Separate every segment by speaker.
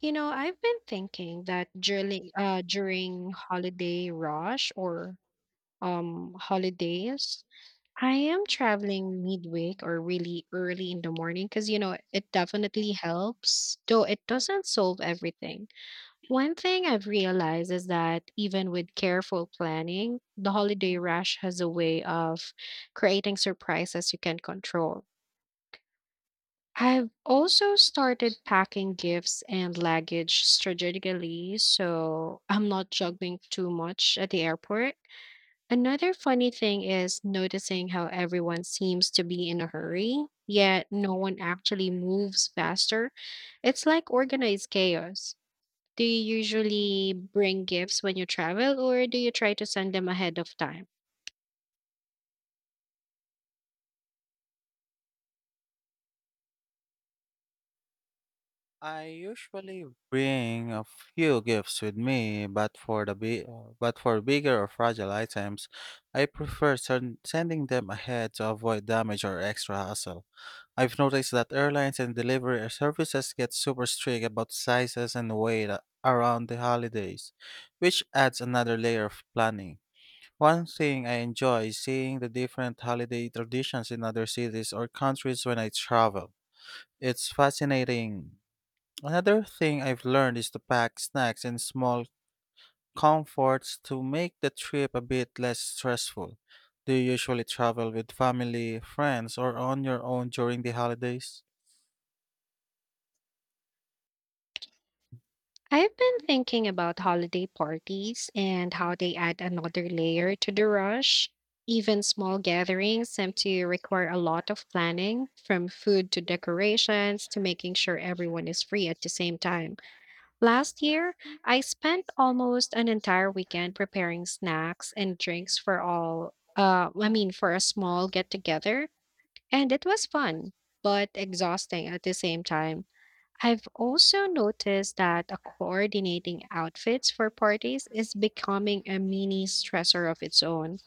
Speaker 1: You know, I've been thinking that during during holiday rush or holidays, I am traveling midweek or really early in the morning because you know it definitely helps, though it doesn't solve everything. One thing I've realized is that even with careful planning, the holiday rush has a way of creating surprises you can't control. I've also started packing gifts and luggage strategically so I'm not juggling too much at the airport. Another funny thing is noticing how everyone seems to be in a hurry, yet no one actually moves faster. It's like organized chaos. Do you usually bring gifts when you travel, or do you try to send them ahead of time? I've been thinking about holiday parties and how they add another layer to the rush. Even small gatherings seem to require a lot of planning, from food to decorations to making sure everyone is free at the same time. Last year, I spent almost an entire weekend preparing snacks and drinks for for a small get together, and it was fun, but exhausting at the same time. I've also noticed that coordinating outfits for parties is becoming a mini stressor of its own.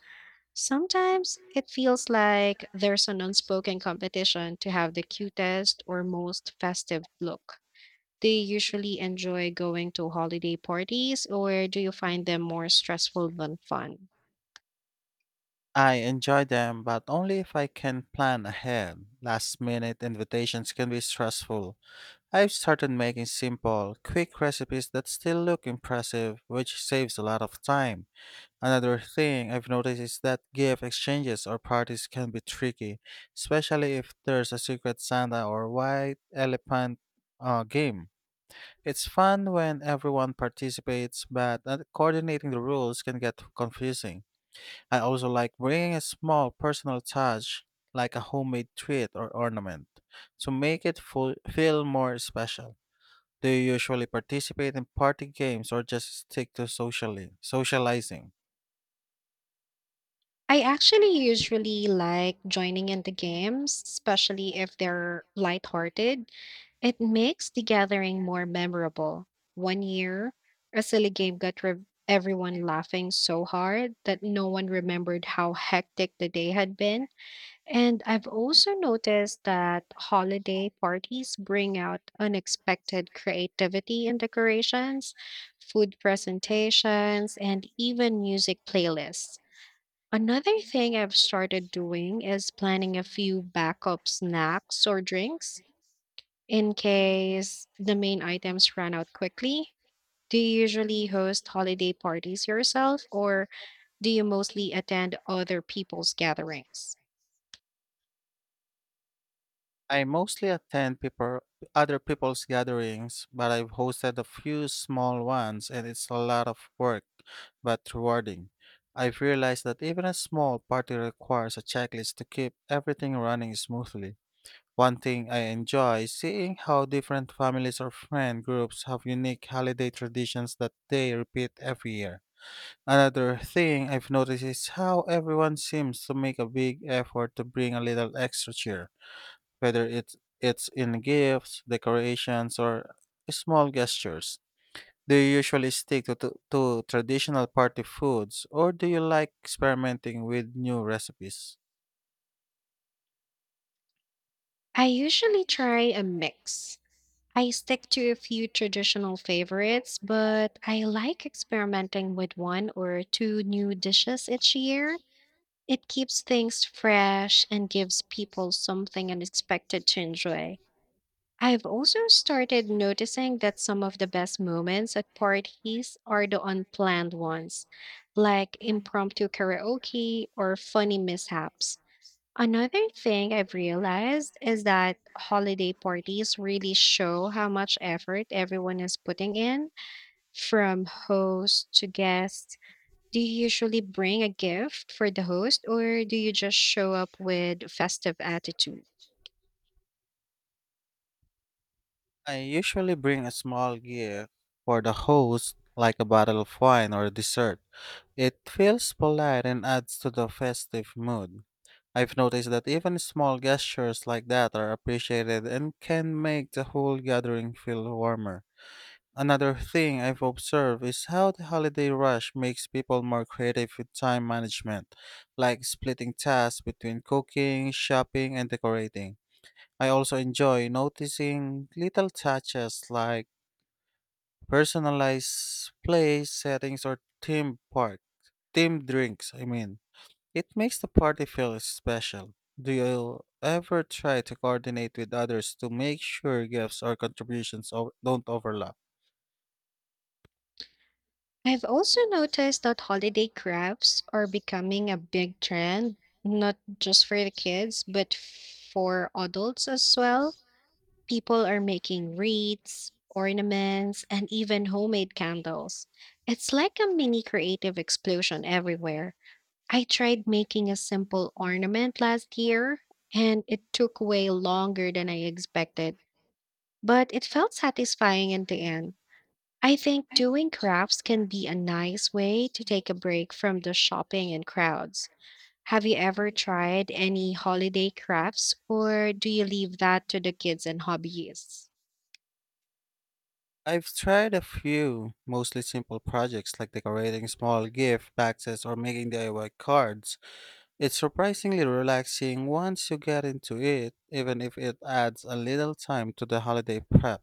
Speaker 1: Sometimes it feels like there's an unspoken competition to have the cutest or most festive look. Do you usually enjoy going to holiday parties or do you find them more stressful than fun? I actually usually like joining in the games, especially if they're lighthearted. It makes the gathering more memorable. One year, a silly game everyone laughing so hard that no one remembered how hectic the day had been. And I've also noticed that holiday parties bring out unexpected creativity in decorations, food presentations, and even music playlists. Another thing I've started doing is planning a few backup snacks or drinks in case the main items run out quickly. Do you usually host holiday parties yourself or do you mostly attend other people's gatherings? I usually try a mix. I stick to a few traditional favorites, but I like experimenting with one or two new dishes each year. It keeps things fresh and gives people something unexpected to enjoy. I've also started noticing that some of the best moments at parties are the unplanned ones, like impromptu karaoke or funny mishaps. Another thing I've realized is that holiday parties really show how much effort everyone is putting in, from host to guest. Do you usually bring a gift for the host, or do you just show up with festive attitude?
Speaker 2: Play settings or theme park themed drinks, I mean, it makes the party feel special. Do you ever try to coordinate with others to make sure gifts or contributions don't overlap?
Speaker 1: I've also noticed that holiday crafts are becoming a big trend, not just for the kids, but for adults as well. People are making wreaths, ornaments, and even homemade candles. It's like a mini creative explosion everywhere. I tried making a simple ornament last year, and it took way longer than I expected, but it felt satisfying in the end. I think doing crafts can be a nice way to take a break from the shopping and crowds. Have you ever tried any holiday crafts, or do you leave that to the kids and hobbyists?
Speaker 2: I've tried a few, mostly simple projects like decorating small gift boxes or making DIY cards. It's surprisingly relaxing once you get into it, even if it adds a little time to the holiday prep.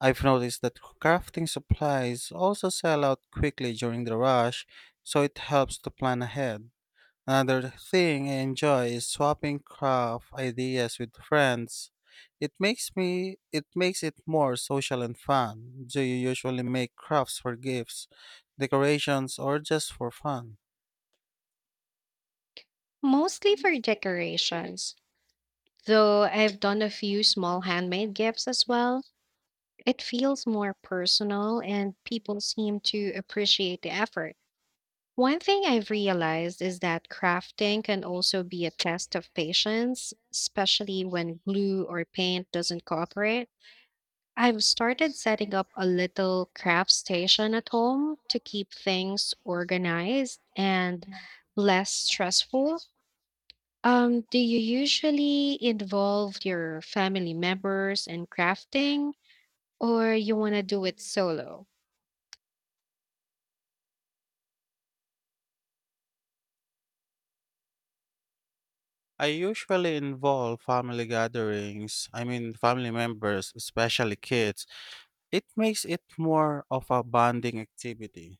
Speaker 2: I've noticed that crafting supplies also sell out quickly during the rush, so it helps to plan ahead. Another thing I enjoy is swapping craft ideas with friends. It makes it more social and fun. Do you usually make crafts for gifts, decorations, or just for fun?
Speaker 1: Mostly for decorations, though I've done a few small handmade gifts as well. It feels more personal, and people seem to appreciate the effort. One thing I've realized is that crafting can also be a test of patience, especially when glue or paint doesn't cooperate. I've started setting up a little craft station at home to keep things organized and less stressful. Do you usually involve your family members in crafting, or you want to do it solo?
Speaker 2: I usually involve I mean family members, especially kids. It makes it more of a bonding activity.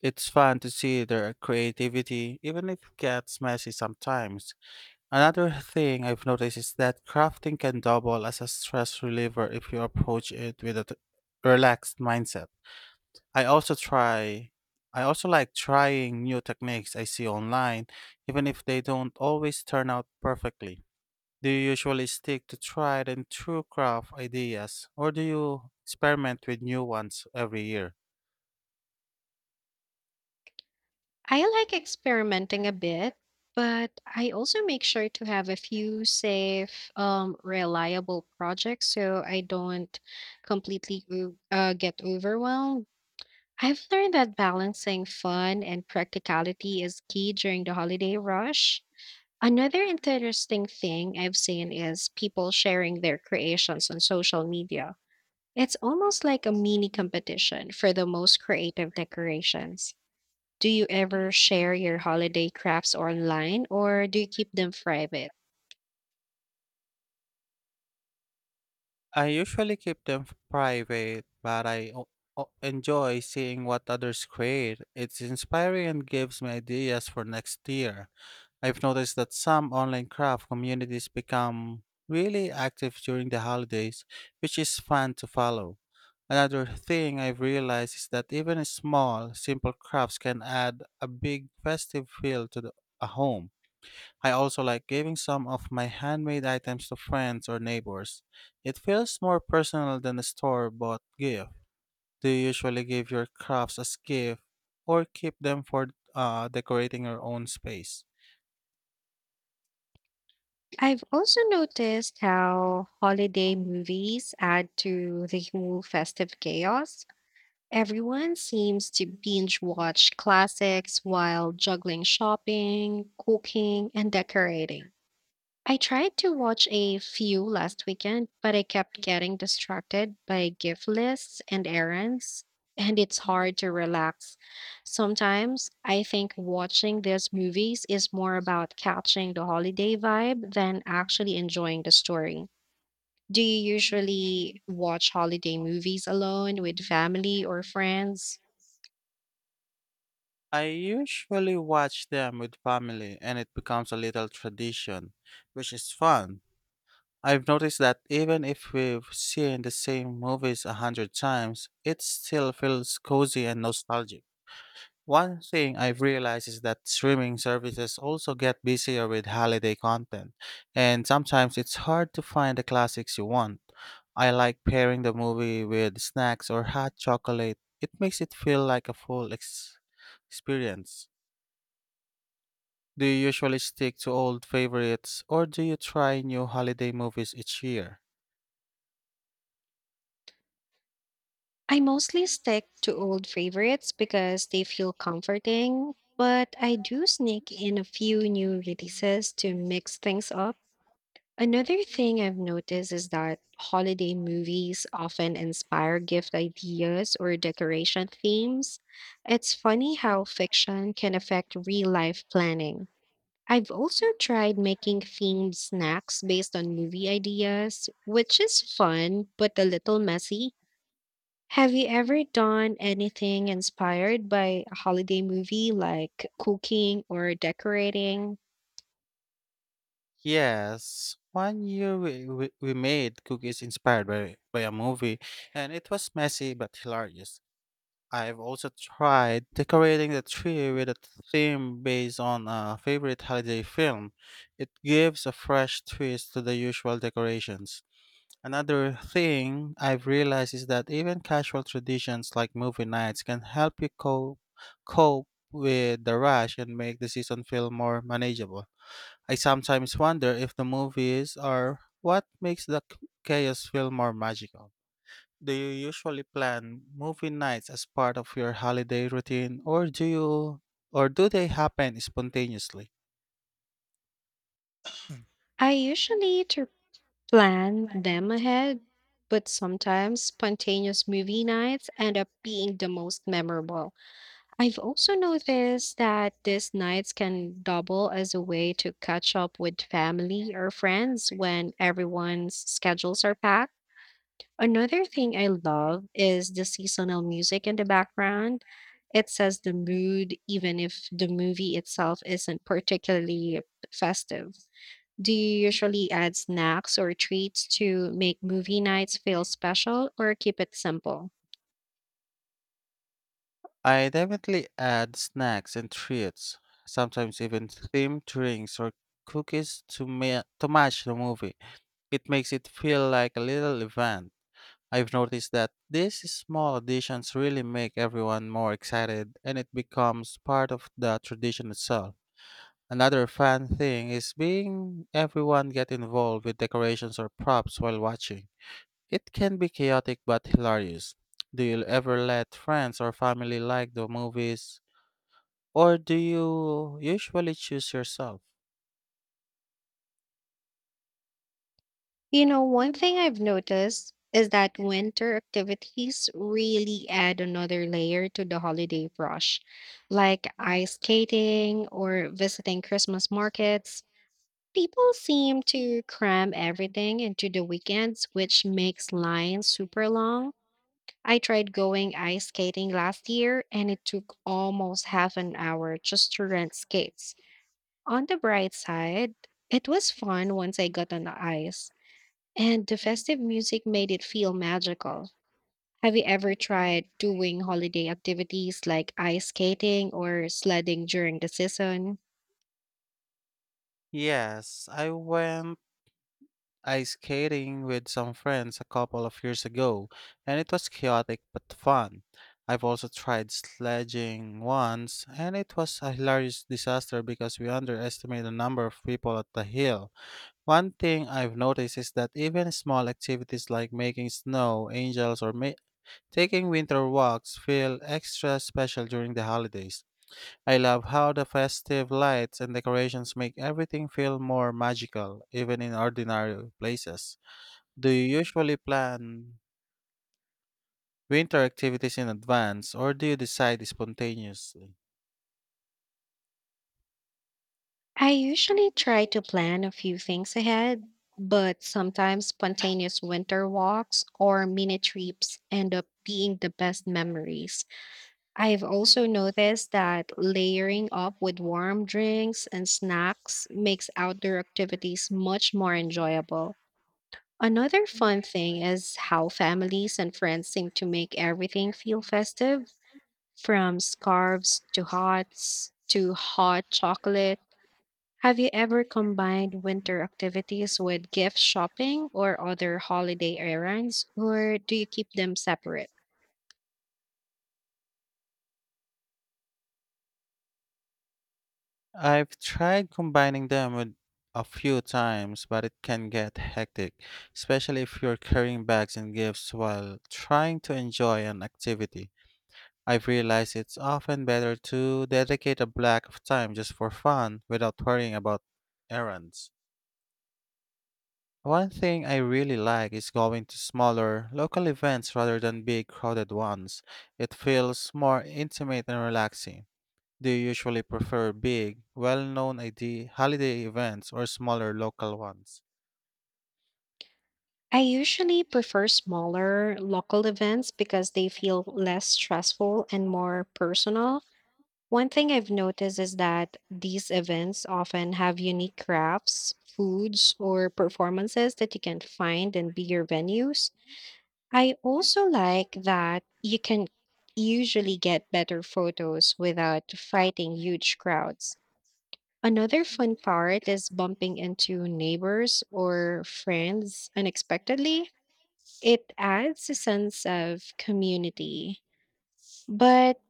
Speaker 2: It's fun to see their creativity, even if it gets messy sometimes. Another thing I've noticed is that crafting can double as a stress reliever if you approach it with a relaxed mindset. I also try I also like trying new techniques I see online, even if they don't always turn out perfectly. Do you usually stick to tried and true craft ideas, or do you experiment with new ones every year?
Speaker 1: I like experimenting a bit, but I also make sure to have a few safe, reliable projects so I don't get overwhelmed. I've learned that balancing fun and practicality is key during the holiday rush. Another interesting thing I've seen is people sharing their creations on social media. It's almost like a mini competition for the most creative decorations. Do you ever share your holiday crafts online or do you keep them private?
Speaker 2: I usually keep them private, but I enjoy seeing what others create. It's inspiring and gives me ideas for next year. I've noticed that some online craft communities become really active during the holidays, which is fun to follow. Another thing I've realized is that even small, simple crafts can add a big festive feel to a home. I also like giving some of my handmade items to friends or neighbors. It feels more personal than a store-bought gift. Do you usually give your crafts as gift or keep them for decorating your own space?
Speaker 1: I've also noticed how holiday movies add to the whole festive chaos. Everyone seems to binge watch classics while juggling shopping, cooking, and decorating. I tried to watch a few last weekend, but I kept getting distracted by gift lists and errands, and it's hard to relax. Sometimes I think watching these movies is more about catching the holiday vibe than actually enjoying the story. Do you usually watch holiday movies alone with family or friends?
Speaker 2: I usually watch them with family and it becomes a little tradition, which is fun. I've noticed that even if we've seen the same movies 100 times, it still feels cozy and nostalgic. One thing I've realized is that streaming services also get busier with holiday content, and sometimes it's hard to find the classics you want. I like pairing the movie with snacks or hot chocolate. It makes it feel like a full experience. Do you usually stick to old favorites or do you try new holiday movies each year?
Speaker 1: I mostly stick to old favorites because they feel comforting, but I do sneak in a few new releases to mix things up. Another thing I've noticed is that holiday movies often inspire gift ideas or decoration themes. It's funny how fiction can affect real life planning. I've also tried making themed snacks based on movie ideas, which is fun but a little messy. Have you ever done anything inspired by a holiday movie like cooking or decorating?
Speaker 2: Yes, one year we made cookies inspired by a movie, and it was messy but hilarious. I've also tried decorating the tree with a theme based on a favorite holiday film. It gives a fresh twist to the usual decorations. Another thing I've realized is that even casual traditions like movie nights can help you cope with the rush and make the season feel more manageable. I sometimes wonder if the movies are what makes the chaos feel more magical. Do you usually plan movie nights as part of your holiday routine or do they happen spontaneously? Mm.
Speaker 1: I usually tr- plan them ahead, but sometimes spontaneous movie nights end up being the most memorable. I've also noticed that these nights can double as a way to catch up with family or friends when everyone's schedules are packed. Another thing I love is the seasonal music in the background. It sets the mood, even if the movie itself isn't particularly festive. Do you usually add snacks or treats to make movie nights feel special or keep it simple?
Speaker 2: I definitely add snacks and treats, sometimes even themed drinks or cookies to match the movie. It makes it feel like a little event. I've noticed that these small additions really make everyone more excited and it becomes part of the tradition itself. Another fun thing is being everyone get involved with decorations or props while watching. It can be chaotic but hilarious. Do you ever let friends or family like the movies or do you usually choose yourself?
Speaker 1: You know, one thing I've noticed is that winter activities really add another layer to the holiday rush, like ice skating or visiting Christmas markets. People seem to cram everything into the weekends, which makes lines super long. I tried going ice skating last year and it took almost half an hour just to rent skates. On the bright side, it was fun once I got on the ice, and the festive music made it feel magical. Have you ever tried doing holiday activities like ice skating or sledding during the season?
Speaker 2: Yes, I went ice skating with some friends a couple of years ago, and it was chaotic but fun. I've also tried sledging once, and it was a hilarious disaster because we underestimated the number of people at the hill. One thing I've noticed is that even small activities like making snow angels or taking winter walks feel extra special during the holidays. I love how the festive lights and decorations make everything feel more magical, even in ordinary places. Do you usually plan winter activities in advance or do you decide spontaneously?
Speaker 1: I usually try to plan a few things ahead, but sometimes spontaneous winter walks or mini trips end up being the best memories. I've also noticed that layering up with warm drinks and snacks makes outdoor activities much more enjoyable. Another fun thing is how families and friends seem to make everything feel festive, from scarves to hats to hot chocolate. Have you ever combined winter activities with gift shopping or other holiday errands, or do you keep them separate?
Speaker 2: I've tried combining them with a few times, but it can get hectic, especially if you're carrying bags and gifts while trying to enjoy an activity. I've realized it's often better to dedicate a block of time just for fun without worrying about errands. One thing I really like is going to smaller, local events rather than big, crowded ones. It feels more intimate and relaxing. Do you usually prefer big, well known ID holiday events or smaller local ones?
Speaker 1: I usually prefer smaller local events because they feel less stressful and more personal. One thing I've noticed is that these events often have unique crafts, foods, or performances that you can't find in bigger venues. I also like that you can usually get better photos without fighting huge crowds. Another fun part is bumping into neighbors or friends unexpectedly. It adds a sense of community. But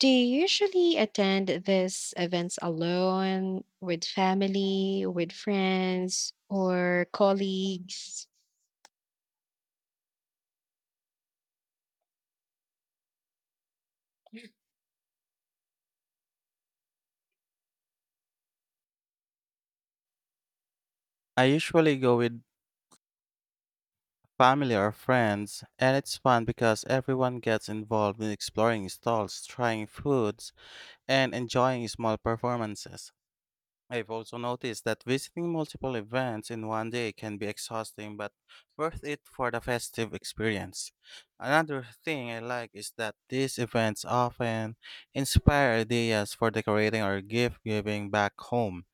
Speaker 1: do you usually attend these events alone, with family, with friends, or colleagues?
Speaker 2: I usually go with family or friends, and it's fun because everyone gets involved in exploring stalls, trying foods, and enjoying small performances. I've also noticed that visiting multiple events in one day can be exhausting but worth it for the festive experience. Another thing I like is that these events often inspire ideas for decorating or gift giving back home.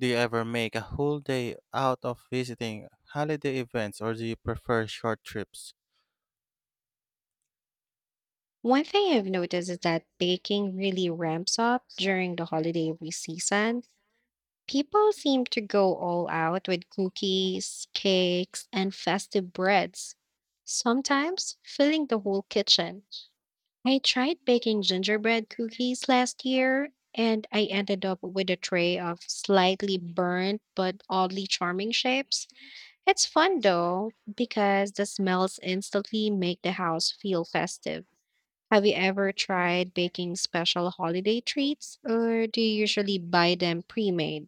Speaker 2: Do you ever make a whole day out of visiting holiday events or do you prefer short trips?
Speaker 1: One thing I've noticed is that baking really ramps up during the season. People seem to go all out with cookies, cakes, and festive breads, sometimes filling the whole kitchen. I tried baking gingerbread cookies last year, and I ended up with a tray of slightly burnt but oddly charming shapes. It's fun though, because the smells instantly make the house feel festive. Have you ever tried baking special holiday treats, or do you usually buy them pre made?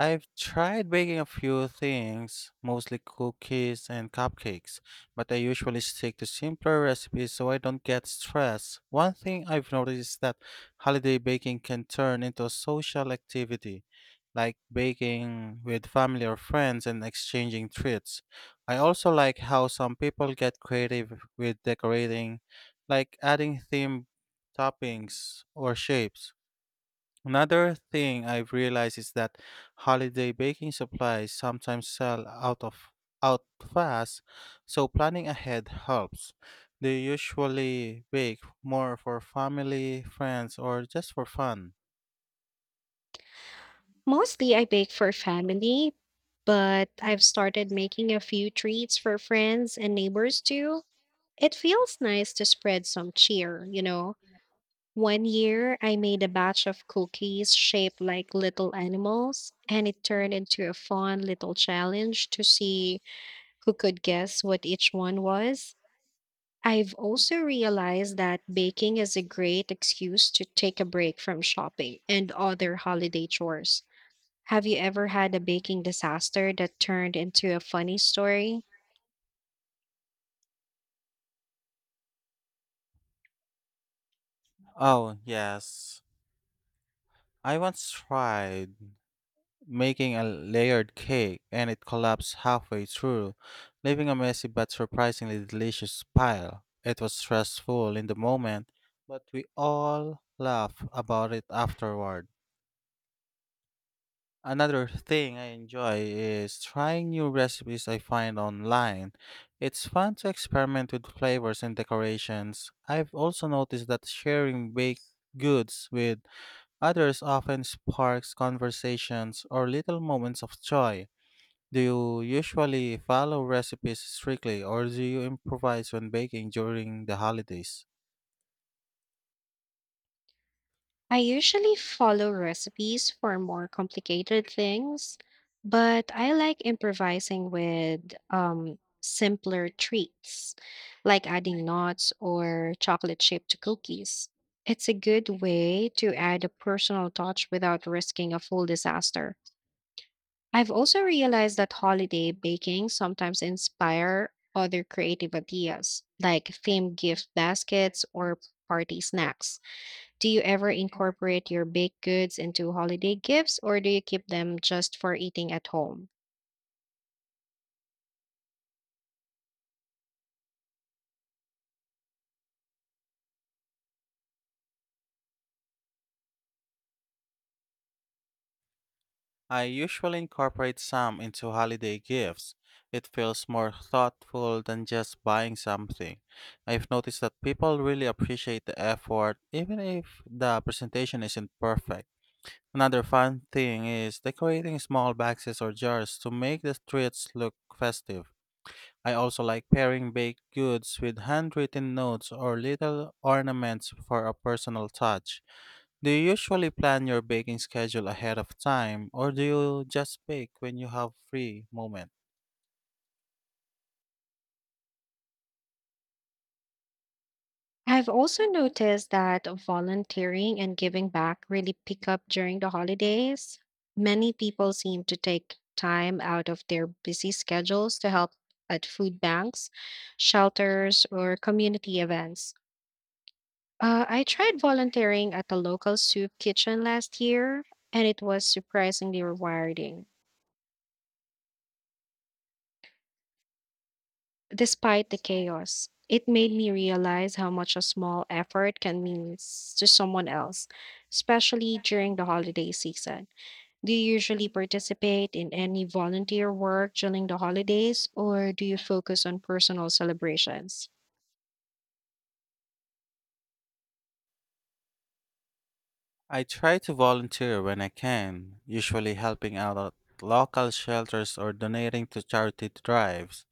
Speaker 2: I've tried baking a few things, mostly cookies and cupcakes, but I usually stick to simpler recipes so I don't get stressed. One thing I've noticed is that holiday baking can turn into a social activity, like baking with family or friends and exchanging treats. I also like how some people get creative with decorating, like adding themed toppings or shapes. Another thing I've realized is that holiday baking supplies sometimes sell out fast, so planning ahead helps. They usually bake more for family, friends, or just for fun.
Speaker 1: Mostly I bake for family, but I've started making a few treats for friends and neighbors too. It feels nice to spread some cheer, you know. One year, I made a batch of cookies shaped like little animals, and it turned into a fun little challenge to see who could guess what each one was. I've also realized that baking is a great excuse to take a break from shopping and other holiday chores. Have you ever had a baking disaster that turned into a funny story?
Speaker 2: Oh, yes. I once tried making a layered cake and it collapsed halfway through, leaving a messy but surprisingly delicious pile. It was stressful in the moment, but we all laugh about it afterward. Another thing I enjoy is trying new recipes I find online. It's fun to experiment with flavors and decorations. I've also noticed that sharing baked goods with others often sparks conversations or little moments of joy. Do you usually follow recipes strictly or do you improvise when baking during the holidays?
Speaker 1: I usually follow recipes for more complicated things, but I like improvising with simpler treats, like adding nuts or chocolate chip to cookies. It's a good way to add a personal touch without risking a full disaster. I've also realized that holiday baking sometimes inspire other creative ideas, like themed gift baskets or party snacks. Do you ever incorporate your baked goods into holiday gifts or do you keep them just for eating at home?
Speaker 2: I usually incorporate some into holiday gifts. It feels more thoughtful than just buying something. I've noticed that people really appreciate the effort, even if the presentation isn't perfect. Another fun thing is decorating small boxes or jars to make the treats look festive. I also like pairing baked goods with handwritten notes or little ornaments for a personal touch. Do you usually plan your baking schedule ahead of time, or do you just bake when you have free moment?
Speaker 1: I've also noticed that volunteering and giving back really pick up during the holidays. Many people seem to take time out of their busy schedules to help at food banks, shelters, or community events. I tried volunteering at the local soup kitchen last year, and it was surprisingly rewarding. Despite the chaos, it made me realize how much a small effort can to someone else, especially during the holiday season. Do you usually participate in any volunteer work during the holidays, or do you focus on personal celebrations?
Speaker 2: I try to volunteer when I can, usually helping out at local shelters or donating to charity drives.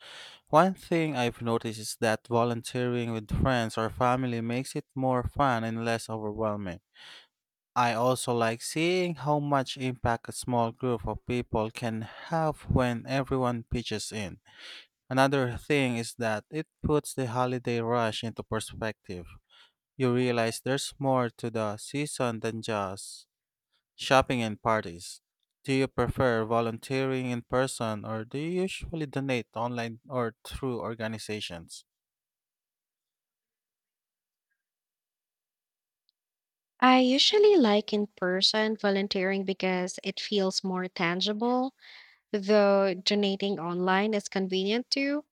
Speaker 2: One thing I've noticed is that volunteering with friends or family makes it more fun and less overwhelming. I also like seeing how much impact a small group of people can have when everyone pitches in. Another thing is that it puts the holiday rush into perspective. You realize there's more to the season than just shopping and parties. Do you prefer volunteering in person or do you usually donate online or through organizations?
Speaker 1: I usually like in person volunteering because it feels more tangible, though donating online is convenient too.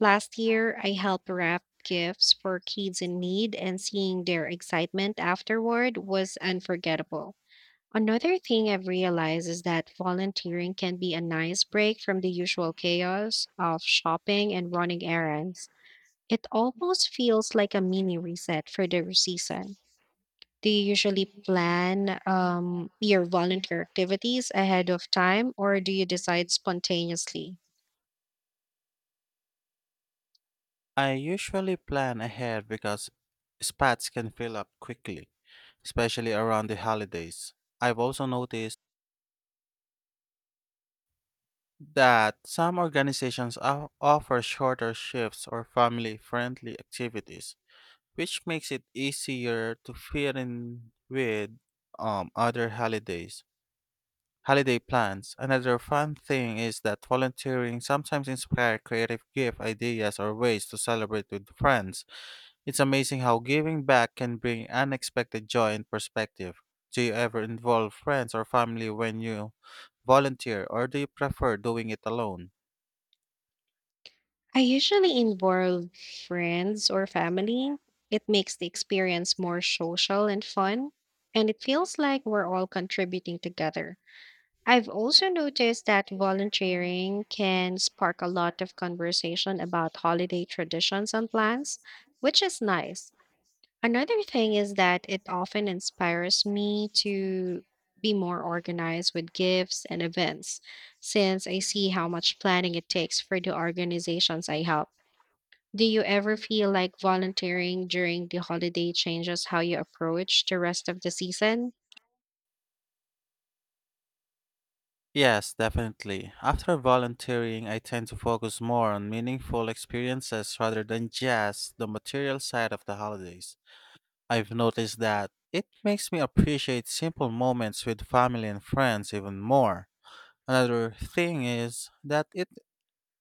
Speaker 1: Last year, I helped wrap gifts for kids in need, and seeing their excitement afterward was unforgettable. Another thing I've realized is that volunteering can be a nice break from the usual chaos of shopping and running errands. It almost feels like a mini reset for the season. Do you usually plan your volunteer activities ahead of time, or do you decide spontaneously?
Speaker 2: I usually plan ahead because spots can fill up quickly, especially around the holidays. I've also noticed that some organizations offer shorter shifts or family friendly activities, which makes it easier to fit in with other holidays. Holiday plans. Another fun thing is that volunteering sometimes inspires creative gift ideas or ways to celebrate with friends. It's amazing how giving back can bring unexpected joy and perspective. Do you ever involve friends or family when you volunteer, or do you prefer doing it alone?
Speaker 1: I usually involve friends or family. It makes the experience more social and fun, and it feels like we're all contributing together. I've also noticed that volunteering can spark a lot of conversation about holiday traditions and plans, which is nice. Another thing is that it often inspires me to be more organized with gifts and events, since I see how much planning it takes for the organizations I help. Do you ever feel like volunteering during the holiday changes how you approach the rest of the season?
Speaker 2: Yes, definitely. After volunteering, I tend to focus more on meaningful experiences rather than just the material side of the holidays. I've noticed that it makes me appreciate simple moments with family and friends even more. Another thing is that it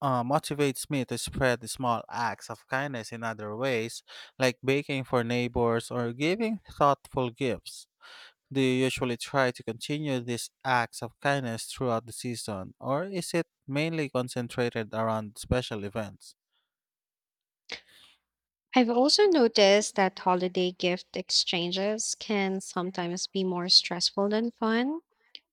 Speaker 2: motivates me to spread small acts of kindness in other ways, like baking for neighbors or giving thoughtful gifts. Do you usually try to continue these acts of kindness throughout the season, or is it mainly concentrated around special events?
Speaker 1: I've also noticed that holiday gift exchanges can sometimes be more stressful than fun.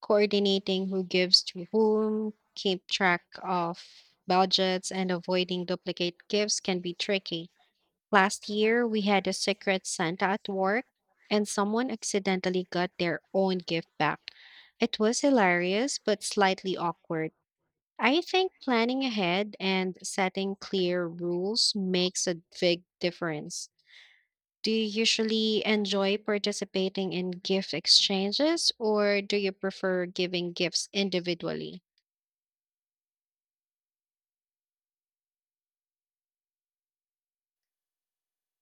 Speaker 1: Coordinating who gives to whom, keep track of budgets, and avoiding duplicate gifts can be tricky. Last year, we had a Secret Santa at work, and someone accidentally got their own gift back. It was hilarious, but slightly awkward. I think planning ahead and setting clear rules makes a big difference. Do you usually enjoy participating in gift exchanges, or do you prefer giving gifts individually?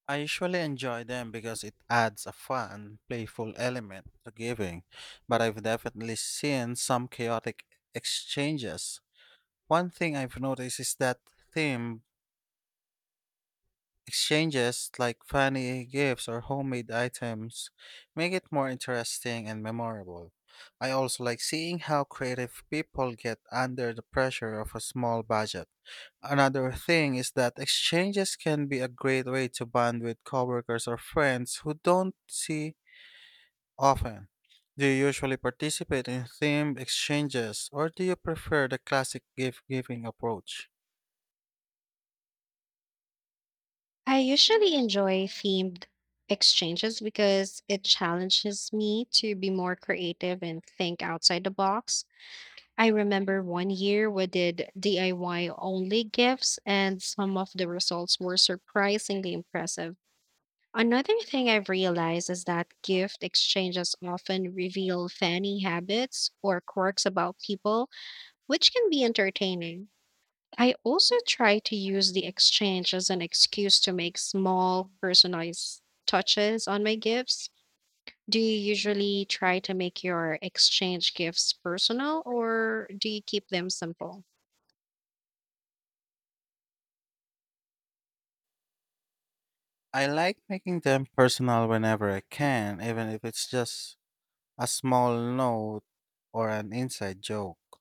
Speaker 2: I usually enjoy them because it adds a fun, playful element to giving, but I've definitely seen some chaotic exchanges. One thing I've noticed is that theme exchanges, like funny gifts or homemade items, make it more interesting and memorable. I also like seeing how creative people get under the pressure of a small budget. Another thing is that exchanges can be a great way to bond with coworkers or friends who don't see often. Do you usually participate in themed exchanges or do you prefer the classic gift giving approach?
Speaker 1: I usually enjoy themed exchanges because it challenges me to be more creative and think outside the box. I remember one year we did DIY only gifts, and some of the results were surprisingly impressive. Another thing I've realized is that gift exchanges often reveal funny habits or quirks about people, which can be entertaining. I also try to use the exchange as an excuse to make small personalized touches on my gifts. Do you usually try to make your exchange gifts personal or do you keep them simple?
Speaker 2: I like making them personal whenever I can, even if it's just a small note or an inside joke.